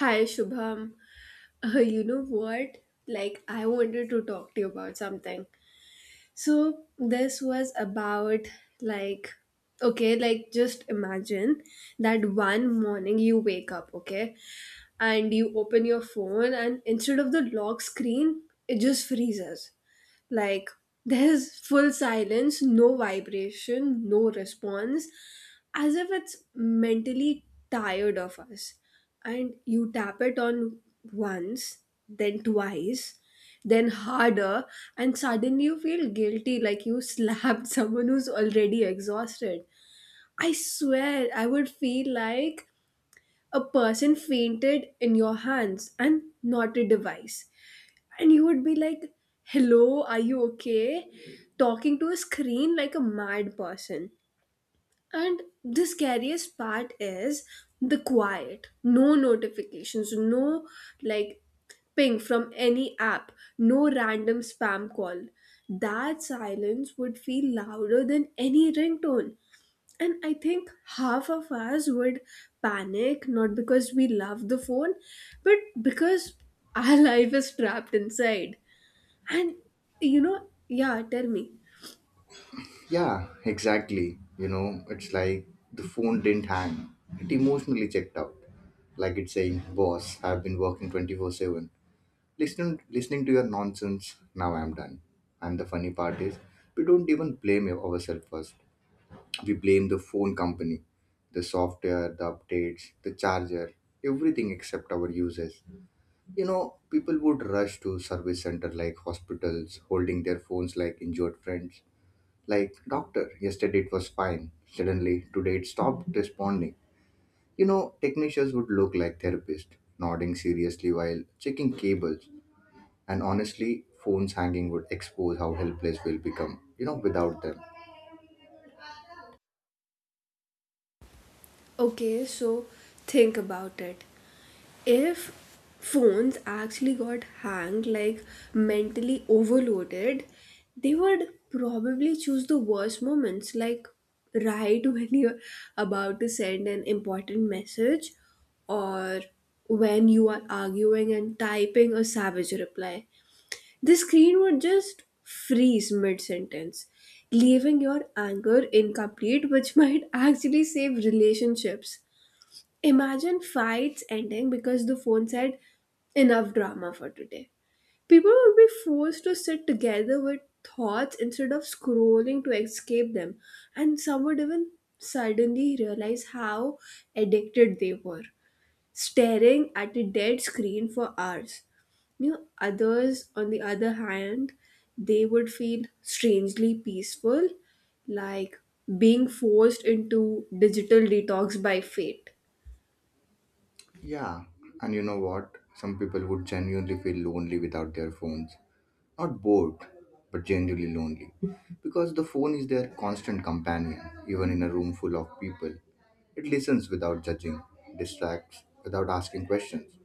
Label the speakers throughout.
Speaker 1: Hi Shubham. You know what? Like I wanted to talk to you about something. So this was about like okay, like just imagine that one morning you wake up, okay? And you open your phone and instead of the lock screen, it just freezes. Like there's full silence, no vibration, no response, as if it's mentally tired of us. And you tap it on once, then twice, then harder, and suddenly you feel guilty like you slapped someone who's already exhausted. I swear, I would feel like a person fainted in your hands and not a device and you would be like, "Hello, are you okay?" Talking to a screen like a mad person. And the scariest part is the quiet. No notifications, no like ping from any app, no random spam call. That silence would feel louder than any ringtone. And I think half of us would panic not because we love the phone, but because our life is trapped inside. And yeah, tell me.
Speaker 2: Yeah, exactly. You know, it's like the phone didn't hang. It emotionally checked out. Like it's saying, Boss, I've been working 24/7. Listening to your nonsense, now I'm done. And the funny part is, we don't even blame ourselves first. We blame the phone company, the software, the updates, the charger, everything except our users. You know, people would rush to service center like hospitals, holding their phones like injured friends like, doctor, yesterday it was fine. Suddenly, today it stopped responding. You know, technicians would look like therapists, nodding seriously while checking cables. And honestly, phones hanging would expose how helpless we'll become, you know, without them.
Speaker 1: Okay, so think about it. If phones actually got hanged, like mentally overloaded, they would probably choose the worst moments, like right when you're about to send an important message or when you are arguing and typing a savage reply. The screen would just freeze mid sentence, leaving your anger incomplete, which might actually save relationships. Imagine fights ending because the phone said, Enough drama for today. People would be forced to sit together with thoughts instead of scrolling to escape them, and some would even suddenly realize how addicted they were staring at a dead screen for hours. You know, others, on the other hand, they would feel strangely peaceful, like being forced into digital detox by fate.
Speaker 2: Yeah, and you know what? Some people would genuinely feel lonely without their phones. Not bored, but genuinely lonely. Because the phone is their constant companion, even in a room full of people. It listens without judging, distracts without asking questions,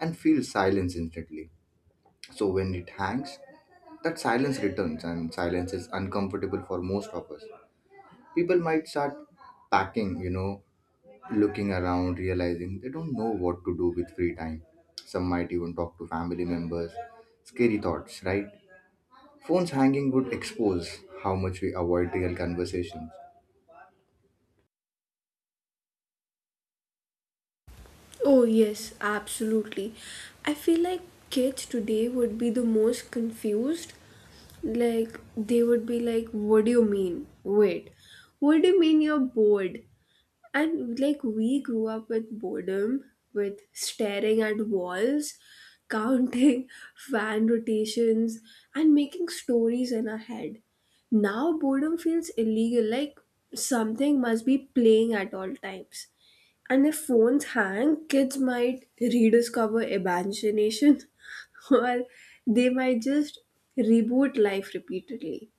Speaker 2: and feels silence instantly. So when it hangs, that silence returns, and silence is uncomfortable for most of us. People might start packing, you know, looking around, realizing they don't know what to do with free time. Some might even talk to family members. Scary thoughts, right? Phones hanging would expose how much we avoid real conversations.
Speaker 1: Oh, yes, absolutely. I feel like kids today would be the most confused. Like, they would be like, What do you mean? Wait, what do you mean you're bored? And like we grew up with boredom, with staring at walls, counting fan rotations, and making stories in our head. Now boredom feels illegal, like something must be playing at all times. And if phones hang, kids might rediscover imagination or they might just reboot life repeatedly.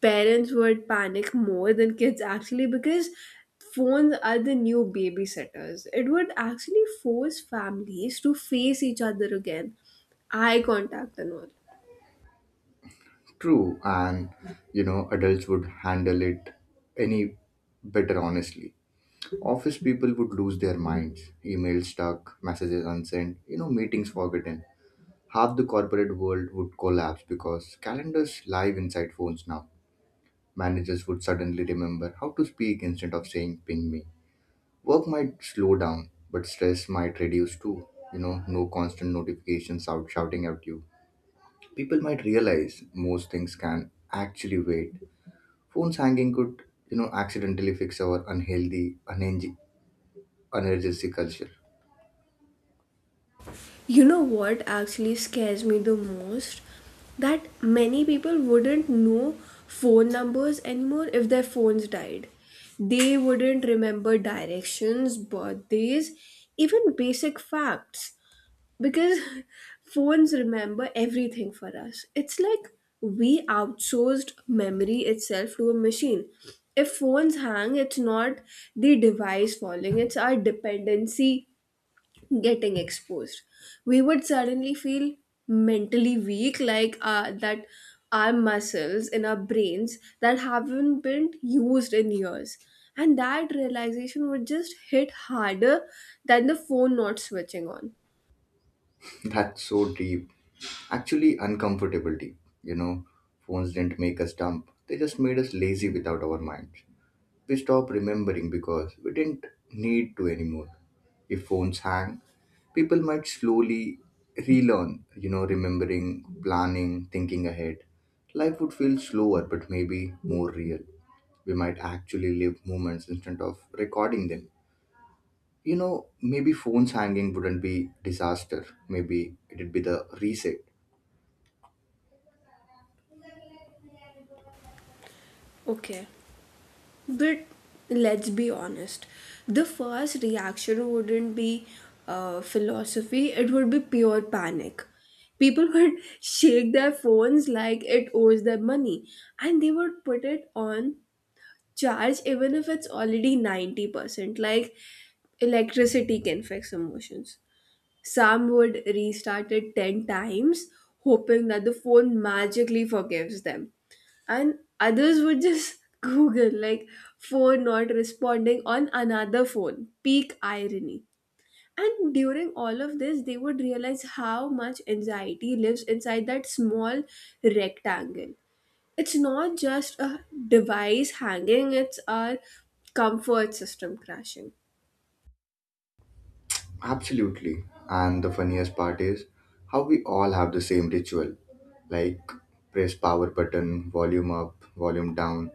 Speaker 1: Parents would panic more than kids actually because phones are the new babysitters. It would actually force families to face each other again, eye contact and all.
Speaker 2: True, and you know, adults would handle it any better, honestly. Office people would lose their minds. Emails stuck, messages unsent, you know, meetings forgotten. Half the corporate world would collapse because calendars live inside phones now. Managers would suddenly remember how to speak instead of saying ping me. Work might slow down, but stress might reduce too. You know, no constant notifications out shouting at you. People might realize most things can actually wait. Phones hanging could, you know, accidentally fix our unenergetic culture.
Speaker 1: You know what actually scares me the most? That many people wouldn't know phone numbers anymore if their phones died. They wouldn't remember directions, birthdays, even basic facts, because phones remember everything for us. It's like we outsourced memory itself to a machine. If phones hang, it's not the device falling, it's our dependency getting exposed. We would suddenly feel mentally weak like that our muscles in our brains that haven't been used in years, and that realization would just hit harder than the phone not switching on.
Speaker 2: That's so deep. Actually, uncomfortable deep. You know, phones didn't make us dumb. They just made us lazy without our minds. We stopped remembering because we didn't need to anymore. If phones hang, people might slowly relearn, you know, remembering, planning, thinking ahead. Life would feel slower, but maybe more real. We might actually live moments instead of recording them. You know, maybe phones hanging wouldn't be disaster. Maybe it'd be the reset.
Speaker 1: Okay, but let's be honest, the first reaction wouldn't be philosophy, it would be pure panic. People would shake their phones like it owes them money and they would put it on charge even if it's already 90%. Like electricity can fix emotions. Sam would restart it 10 times, hoping that the phone magically forgives them. And others would just Google, like, phone not responding on another phone. Peak irony. And during all of this, they would realize how much anxiety lives inside that small rectangle. It's not just a device hanging, it's our comfort system crashing.
Speaker 2: Absolutely. And the funniest part is how we all have the same ritual like press power button, volume up, volume down,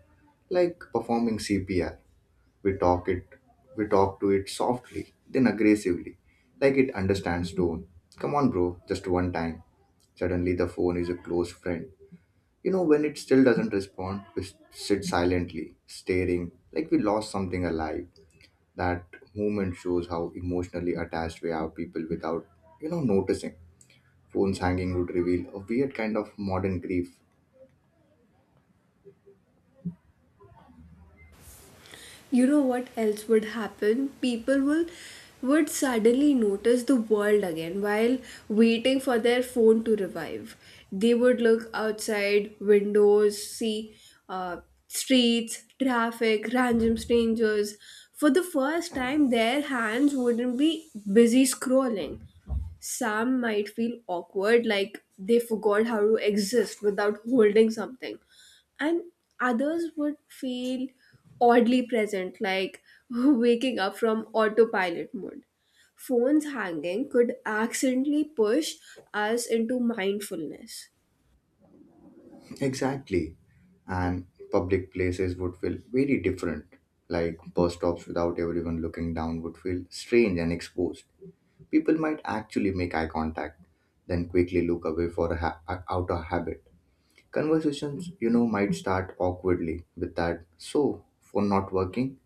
Speaker 2: like performing CPR. We talk it we talk to it softly, then aggressively, like it understands tone. Come on bro, just one time. Suddenly the phone is a close friend. You know when it still doesn't respond, sit silently, staring like we lost something alive. That moment shows how emotionally attached we are people without, you know, noticing. Phones hanging would reveal a weird kind of modern grief.
Speaker 1: You know what else would happen? People will would suddenly notice the world again while waiting for their phone to revive. They would look outside windows, see uh, streets, traffic, random strangers for the first time. Their hands wouldn't be busy scrolling. Some might feel awkward like they forgot how to exist without holding something, and others would feel oddly present, like waking up from autopilot mode. Phones hanging could accidentally push us into mindfulness.
Speaker 2: Exactly, and public places would feel very different, like bus stops without everyone looking down would feel strange and exposed. People might actually make eye contact, then quickly look away for out of habit. Conversations, you know, might start awkwardly with that, so phone not working.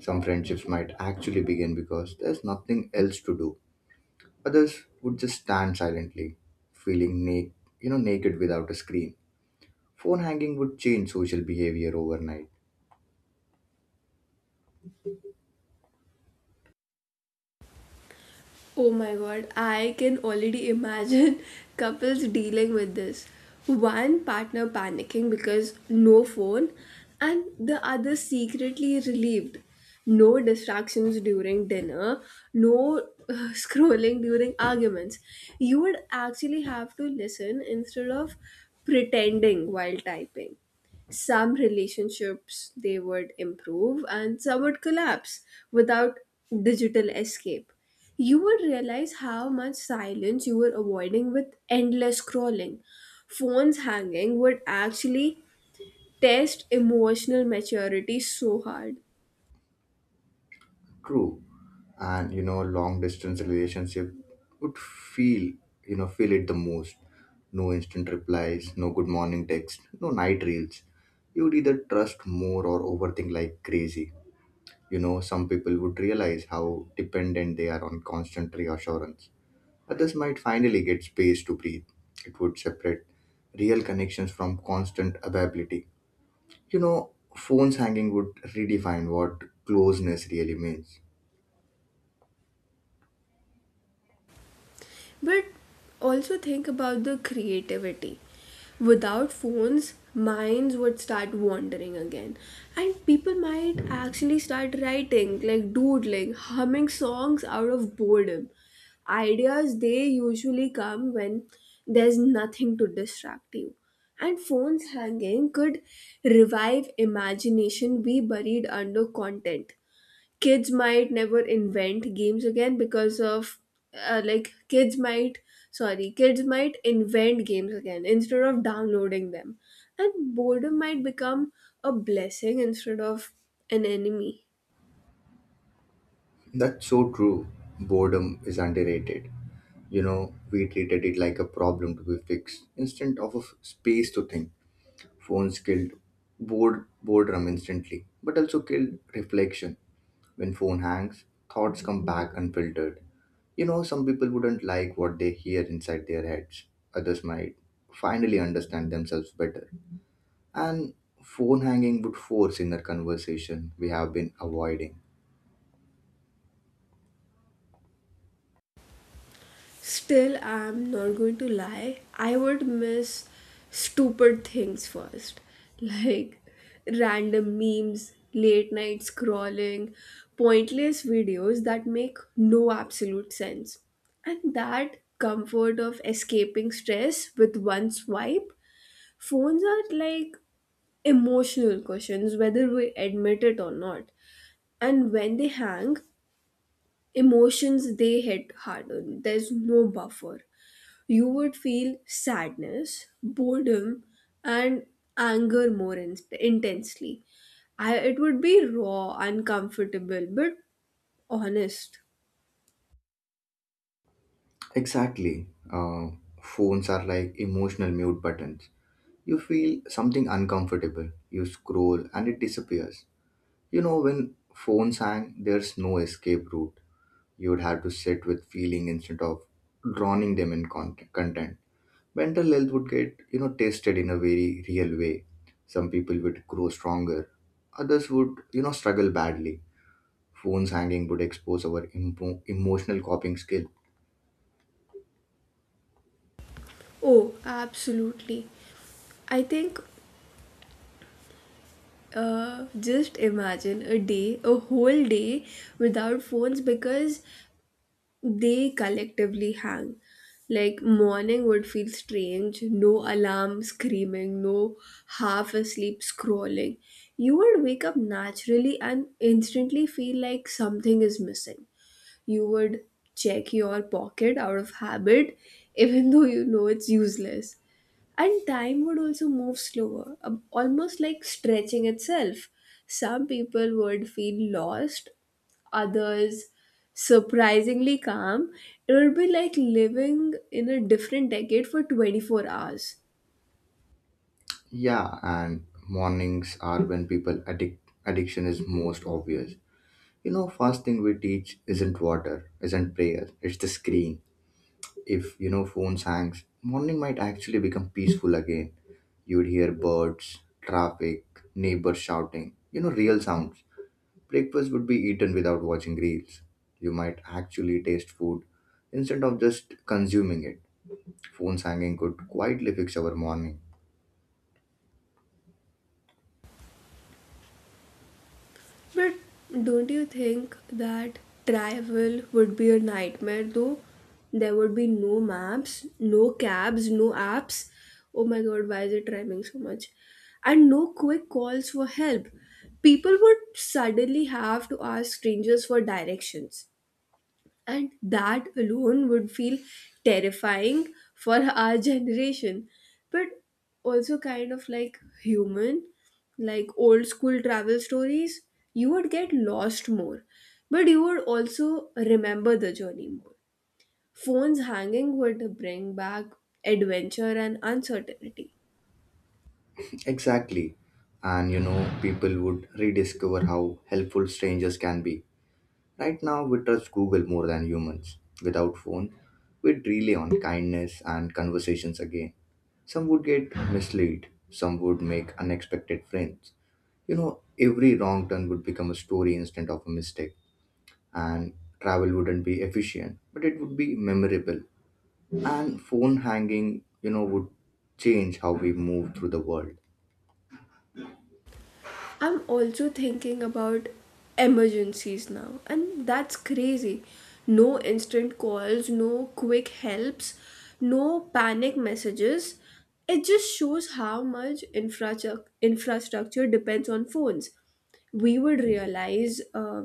Speaker 2: Some friendships might actually begin because there's nothing else to do. Others would just stand silently, feeling naked, you know, naked without a screen. Phone hanging would change social behavior overnight.
Speaker 1: Oh my god, I can already imagine couples dealing with this. One partner panicking because no phone, and the other secretly relieved. No distractions during dinner, no scrolling during arguments. You would actually have to listen instead of pretending while typing. Some relationships they would improve and some would collapse without digital escape. You would realize how much silence you were avoiding with endless scrolling. Phones hanging would actually test emotional maturity so hard.
Speaker 2: True, and you know, long distance relationship would feel, you know, feel it the most. No instant replies, no good morning text, no night reels. You would either trust more or overthink like crazy. You know, some people would realize how dependent they are on constant reassurance. Others might finally get space to breathe. It would separate real connections from constant availability. You know, phones hanging would redefine what closeness really means.
Speaker 1: But also think about the creativity. Without phones, minds would start wandering again. And people might actually start writing, like doodling, humming songs out of boredom. Ideas, they usually come when there's nothing to distract you. And phones hanging could revive imagination we buried under content. Kids might never invent games again because of like Kids might, sorry, kids might invent games again instead of downloading them, and boredom might become a blessing instead of an enemy.
Speaker 2: That's so true. Boredom is underrated. You know, we treated it like a problem to be fixed instead of space to think. Phones killed boredom instantly, but also killed reflection. When phone hangs, thoughts come back unfiltered. You know, some people wouldn't like what they hear inside their heads. Others might finally understand themselves better. And phone hanging would force inner conversation we have been avoiding.
Speaker 1: Still, I'm not going to lie, I would miss stupid things first, like random memes, late night scrolling, pointless videos that make no absolute sense. And that comfort of escaping stress with one swipe, phones are like emotional cushions, whether we admit it or not. And when they hang, emotions they hit harder. There's no buffer. You would feel sadness, boredom, and anger more intensely. I, it would be raw, uncomfortable, but honest.
Speaker 2: Exactly. Phones are like emotional mute buttons. You feel something uncomfortable, you scroll, and it disappears. You know, when phones hang, there's no escape route. You would have to sit with feeling instead of drowning them in content. Mental health would get, you know, tested in a very real way. Some people would grow stronger, others would, you know, struggle badly. Phones hanging would expose our emotional coping skill.
Speaker 1: Oh, absolutely. I think just imagine a day, a whole day without phones because they collectively hang. Like morning would feel strange, no alarm screaming, no half asleep scrolling. You would wake up naturally and instantly feel like something is missing. You would check your pocket out of habit, even though you know it's useless, and time would also move slower almost like stretching itself. Some people would feel lost, others surprisingly calm. It would be like living in a different decade for 24 hours.
Speaker 2: Yeah, and mornings are when people addiction is most obvious. You know, first thing we teach isn't water, isn't prayer, it's the screen. If, you know, phones hangs, morning might actually become peaceful again. You'd hear birds, traffic, neighbors shouting, you know, real sounds. Breakfast would be eaten without watching reels. You might actually taste food instead of just consuming it. Phones hanging could quietly fix our morning.
Speaker 1: But don't you think that travel would be a nightmare though? There would be no maps, no cabs, no apps. Oh my god, why is it rhyming so much? And no quick calls for help. People would suddenly have to ask strangers for directions, and that alone would feel terrifying for our generation, but also kind of like human, like old school travel stories. You would get lost more, but you would also remember the journey more. Phones hanging would bring back adventure and uncertainty.
Speaker 2: Exactly, and you know, people would rediscover how helpful strangers can be. Right now, we trust Google more than humans. Without phone, we'd rely on kindness and conversations again. Some would get misled, some would make unexpected friends. You know, every wrong turn would become a story instead of a mistake, and travel wouldn't be efficient, but it would be memorable. And phone hanging, you know, would change how we move through the world.
Speaker 1: I'm also thinking about emergencies now, and that's crazy. No instant calls, no quick helps, no panic messages. It just shows how much infrastructure depends on phones. We would realize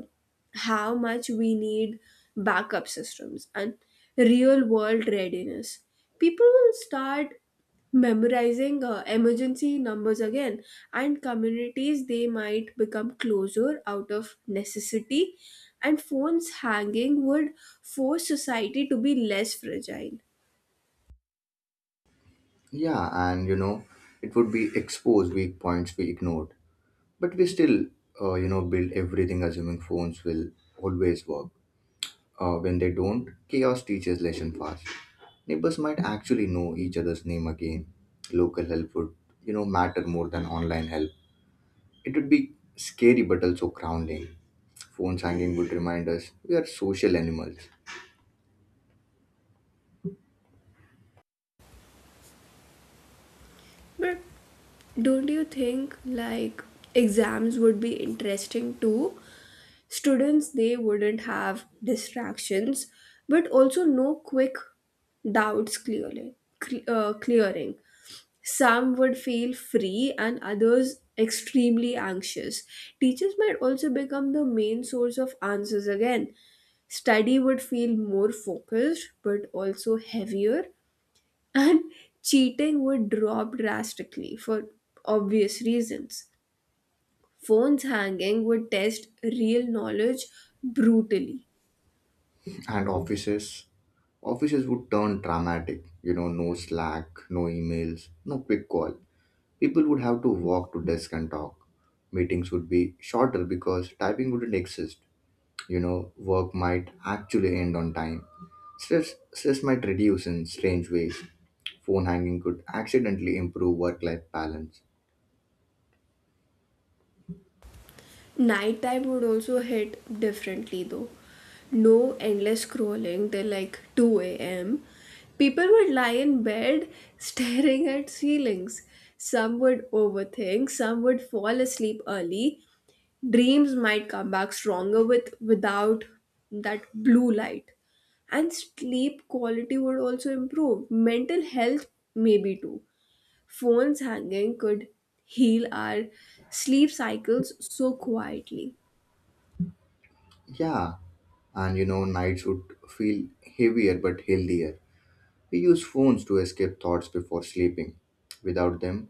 Speaker 1: how much we need backup systems and real world readiness. People will start memorizing emergency numbers again, and communities they might become closer out of necessity, and phones hanging would force society to be less fragile.
Speaker 2: Yeah, and you know, it would be exposed weak points we ignored. But we still, you know, build everything assuming phones will always work. When they don't, chaos teaches lesson fast. Neighbors might actually know each other's name again. Local help would, you know, matter more than online help. It would be scary but also grounding. Phones hanging would remind us we are social animals.
Speaker 1: But don't you think like exams would be interesting too? Students they wouldn't have distractions, but also no quick doubts clearly clearing. Some would feel free and others extremely anxious. Teachers might also become the main source of answers again. Study would feel more focused but also heavier, and cheating would drop drastically for obvious reasons. Phones hanging would test real knowledge brutally.
Speaker 2: And offices would turn dramatic. You know, no Slack, no emails, no quick call. People would have to walk to desk and talk. Meetings would be shorter because typing wouldn't exist. You know, work might actually end on time. Stress might reduce in strange ways. Phone hanging could accidentally improve work life balance.
Speaker 1: Nighttime would also hit differently though. No endless scrolling till like 2 a.m. People would lie in bed staring at ceilings. Some would overthink, some would fall asleep early. Dreams might come back stronger without that blue light, and sleep quality would also improve mental health maybe too. Phones hanging could heal our sleep cycles so quietly.
Speaker 2: Yeah, and you know, nights would feel heavier but healthier. We use phones to escape thoughts before sleeping. Without them,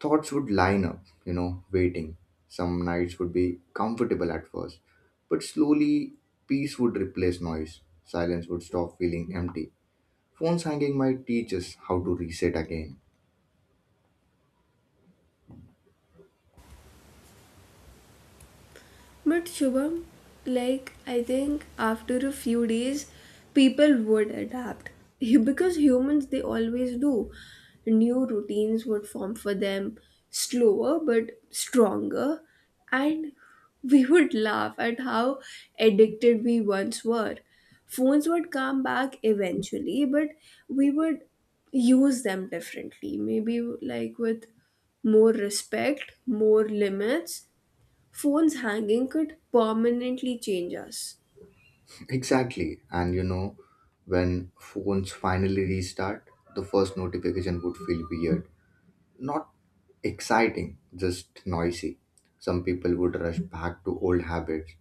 Speaker 2: thoughts would line up, you know, waiting. Some nights would be comfortable at first, but slowly peace would replace noise. Silence would stop feeling empty. Phones hanging might teach us how to reset again.
Speaker 1: But Shubham, like I think after a few days, people would adapt because humans they always do. New routines would form for them, slower but stronger, and we would laugh at how addicted we once were. Phones would come back eventually, but we would use them differently. Maybe like with more respect, more limits. Phones hanging could permanently change us.
Speaker 2: Exactly. And you know, when phones finally restart, the first notification would feel weird. Not exciting, just noisy. Some people would rush back to old habits,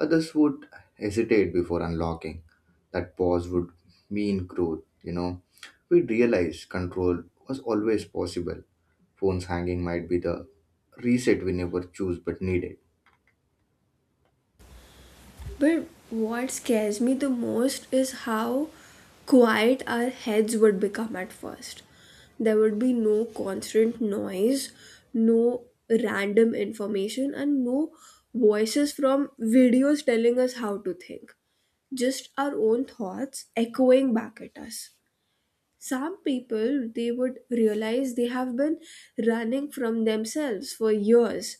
Speaker 2: others would hesitate before unlocking. That pause would mean growth, you know. We'd realize control was always possible. Phones hanging might be the reset we never choose but needed.
Speaker 1: But what scares me the most is how quiet our heads would become at first. There would be no constant noise, no random information, and no voices from videos telling us how to think. Just our own thoughts echoing back at us. Some people, they would realize they have been running from themselves for years.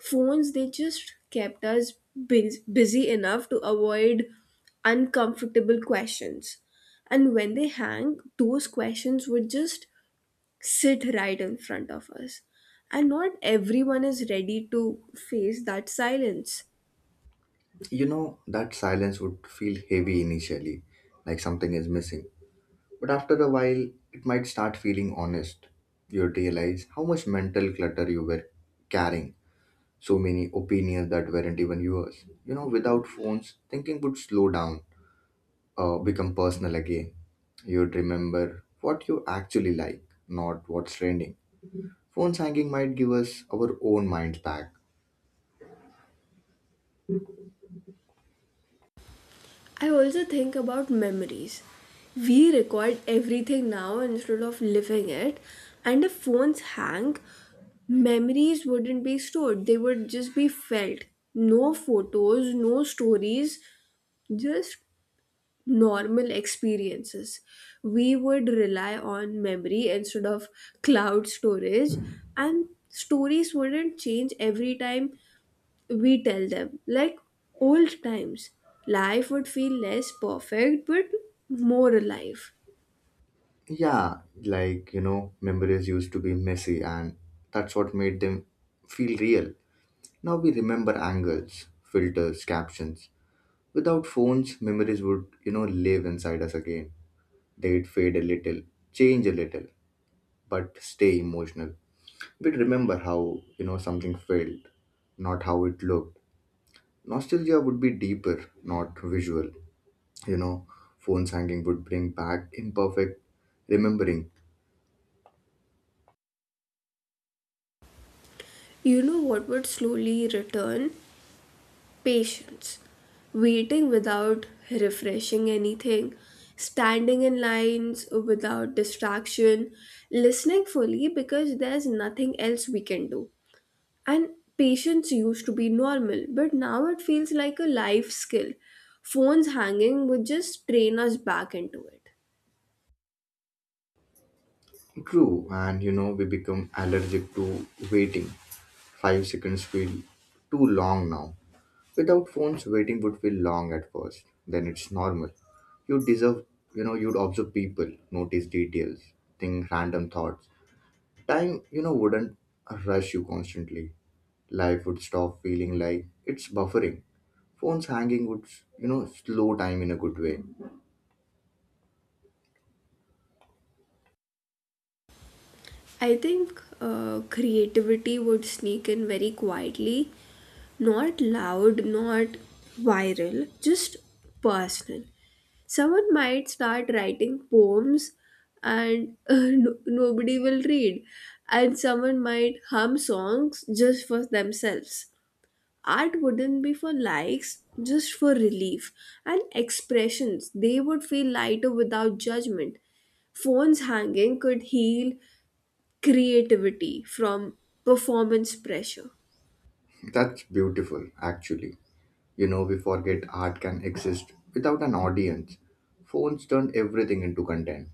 Speaker 1: Phones they just kept us busy enough to avoid uncomfortable questions, and when they hang, those questions would just sit right in front of us, and not everyone is ready to face that silence.
Speaker 2: You know, that silence would feel heavy initially, like something is missing. But after a while, it might start feeling honest. You realize how much mental clutter you were carrying, so many opinions that weren't even yours. You know, without phones, thinking would slow down, become personal again. You'd remember what you actually like, not what's trending. Phones hanging might give us our own minds back.
Speaker 1: I also think about memories. We record everything now instead of living it, and if phones hang, memories wouldn't be stored, they would just be felt. No photos, no stories, just normal experiences. We would rely on memory instead of cloud storage, and stories wouldn't change every time we tell them, like old times. Life would feel less perfect but more alive.
Speaker 2: Yeah, like, you know, memories used to be messy, and that's what made them feel real. Now we remember angles, filters, captions. Without phones, memories would, you know, live inside us again. They'd fade a little, change a little, but stay emotional. We'd remember how, you know, something felt, not how it looked. Nostalgia would be deeper, not visual. You know, phones hanging would bring back imperfect remembering.
Speaker 1: You know what would slowly return? Patience. Waiting without refreshing anything, standing in lines without distraction, listening fully because there's nothing else we can do. And patience used to be normal, but now it feels like a life skill. Phones hanging would just train us back into it.
Speaker 2: True, and you know, we become allergic to waiting. 5 seconds feel too long now. Without phones, waiting would feel long at first. Then it's normal. You deserve, you know, you'd observe people, notice details, think random thoughts. Time, you know, wouldn't rush you constantly. Life would stop feeling like it's buffering. Phones hanging would, you know, slow time in a good way.
Speaker 1: I think creativity would sneak in very quietly, not loud, not viral, just personal. Someone might start writing poems and nobody will read, and someone might hum songs just for themselves. Art wouldn't be for likes, just for relief and expressions. They would feel lighter without judgment. Phones hanging could heal creativity from performance pressure.
Speaker 2: That's beautiful, actually. You know, we forget art can exist without an audience. Phones turn everything into content.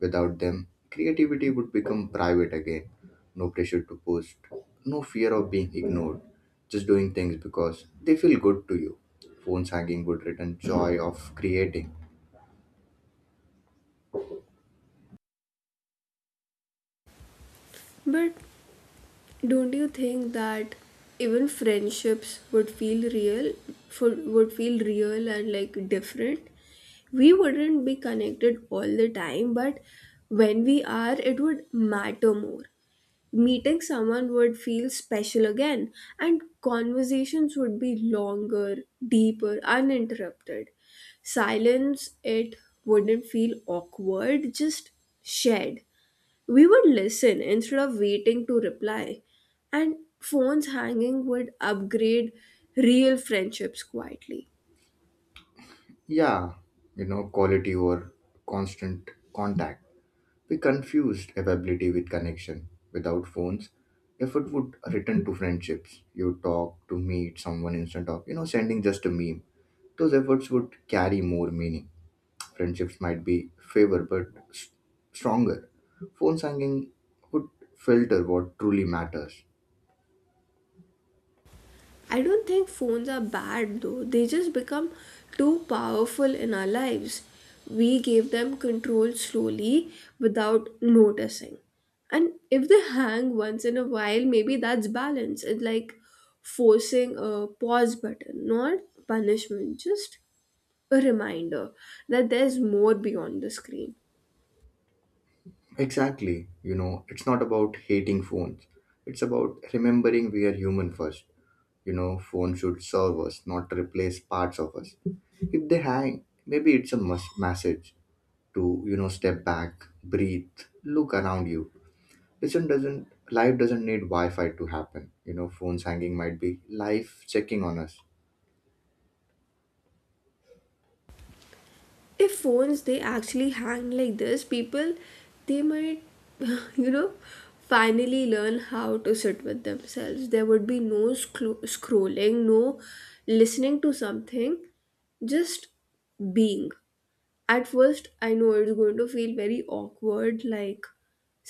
Speaker 2: Without them, creativity would become private again. No pressure to post, no fear of being ignored. Just doing things because they feel good to you. Phones hanging would return joy of creating.
Speaker 1: But don't you think that even friendships would feel real for would feel real and like different? We wouldn't be connected all the time, but when we are, it would matter more. Meeting someone would feel special again, and conversations would be longer, deeper, uninterrupted. Silence, it wouldn't feel awkward, just shared. We would listen instead of waiting to reply, and phones hanging would upgrade real friendships quietly.
Speaker 2: Yeah, you know, quality over constant contact. We confused availability with connection. Without phones, effort would return to friendships. You talk to meet someone instead of, you know, sending just a meme. Those efforts would carry more meaning. Friendships might be favor but s- stronger. Phone singing would filter what truly matters.
Speaker 1: I don't think phones are bad though, they just become too powerful in our lives. We gave them control slowly without noticing. And if they hang once in a while, maybe that's balance. It's like forcing a pause button, not punishment, just a reminder that there's more beyond the screen.
Speaker 2: Exactly. You know, it's not about hating phones. It's about remembering we are human first. You know, phones should serve us, not replace parts of us. If they hang, maybe it's a must message to, you know, step back, breathe, look around you. Listen doesn't life doesn't need Wi-Fi to happen. You know, phones hanging might be life checking on us.
Speaker 1: If phones they actually hang like this, people they might you know finally learn how to sit with themselves. There would be no scrolling, no listening to something, just being. At first I know it's going to feel very awkward, like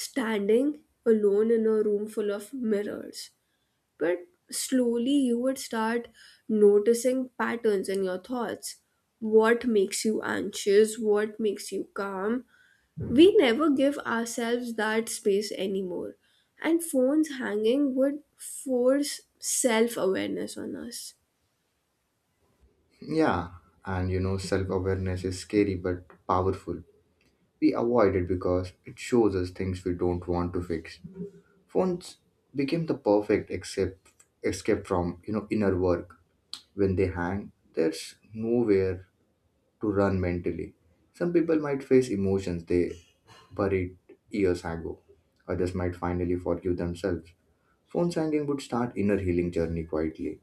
Speaker 1: standing alone in a room full of mirrors, but slowly you would start noticing patterns in your thoughts. What makes you anxious? What makes you calm? We never give ourselves that space anymore. And phones hanging would force self awareness on us.
Speaker 2: Yeah, and you know, self awareness is scary but powerful. We avoid it because it shows us things we don't want to fix. Phones became the perfect except escape from, you know, inner work. When they hang, there's nowhere to run mentally. Some people might face emotions they buried years ago. Others might finally forgive themselves. Phone hanging would start inner healing journey quietly.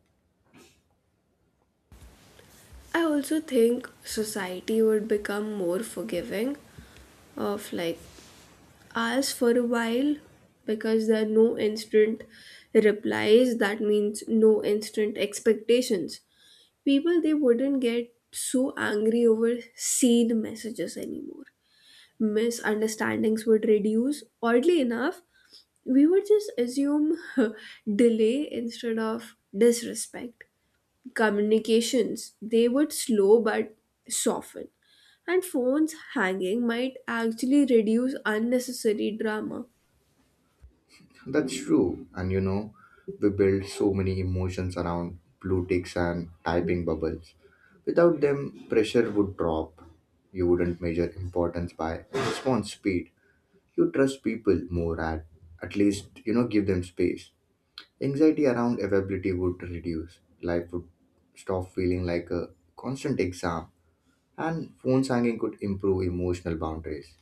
Speaker 1: I also think society would become more forgiving of like us for a while because there are no instant replies, that means no instant expectations. People they wouldn't get so angry over seen messages anymore. Misunderstandings would reduce oddly enough. We would just assume delay instead of disrespect. Communications they would slow but soften, and phones hanging might actually reduce unnecessary drama.
Speaker 2: That's true. And you know, we build so many emotions around blue ticks and typing bubbles. Without them, pressure would drop. You wouldn't measure importance by response speed. You trust people more at least, you know, give them space. Anxiety around availability would reduce. Life would stop feeling like a constant exam. And phone hanging could improve emotional boundaries.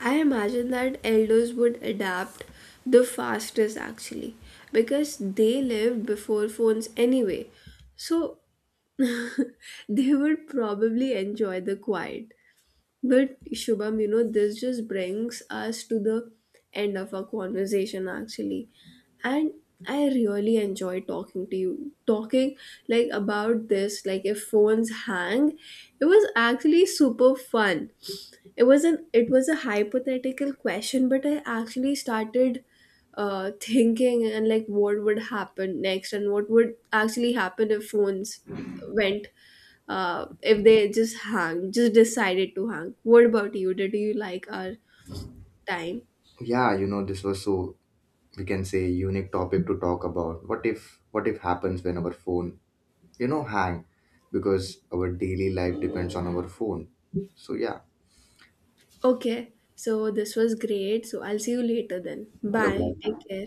Speaker 1: I imagine that elders would adapt the fastest actually because they lived before phones anyway. So they would probably enjoy the quiet. But Shubham, you know, this just brings us to the end of our conversation actually. And I really enjoy talking to you. Talking like about this, like if phones hang, it was actually super fun. It was a hypothetical question, but I actually started thinking and like what would happen next and what would actually happen if phones went, if they just hung, just decided to hang. What about you? Did you like our time?
Speaker 2: Yeah, you know, this was so we can say unique topic to talk about what if happens when our phone, you know, hang, because our daily life depends on our phone, so yeah.
Speaker 1: Okay, so this was great. So I'll see you later then.
Speaker 2: Bye
Speaker 1: Bye.
Speaker 2: bye.
Speaker 1: Take care.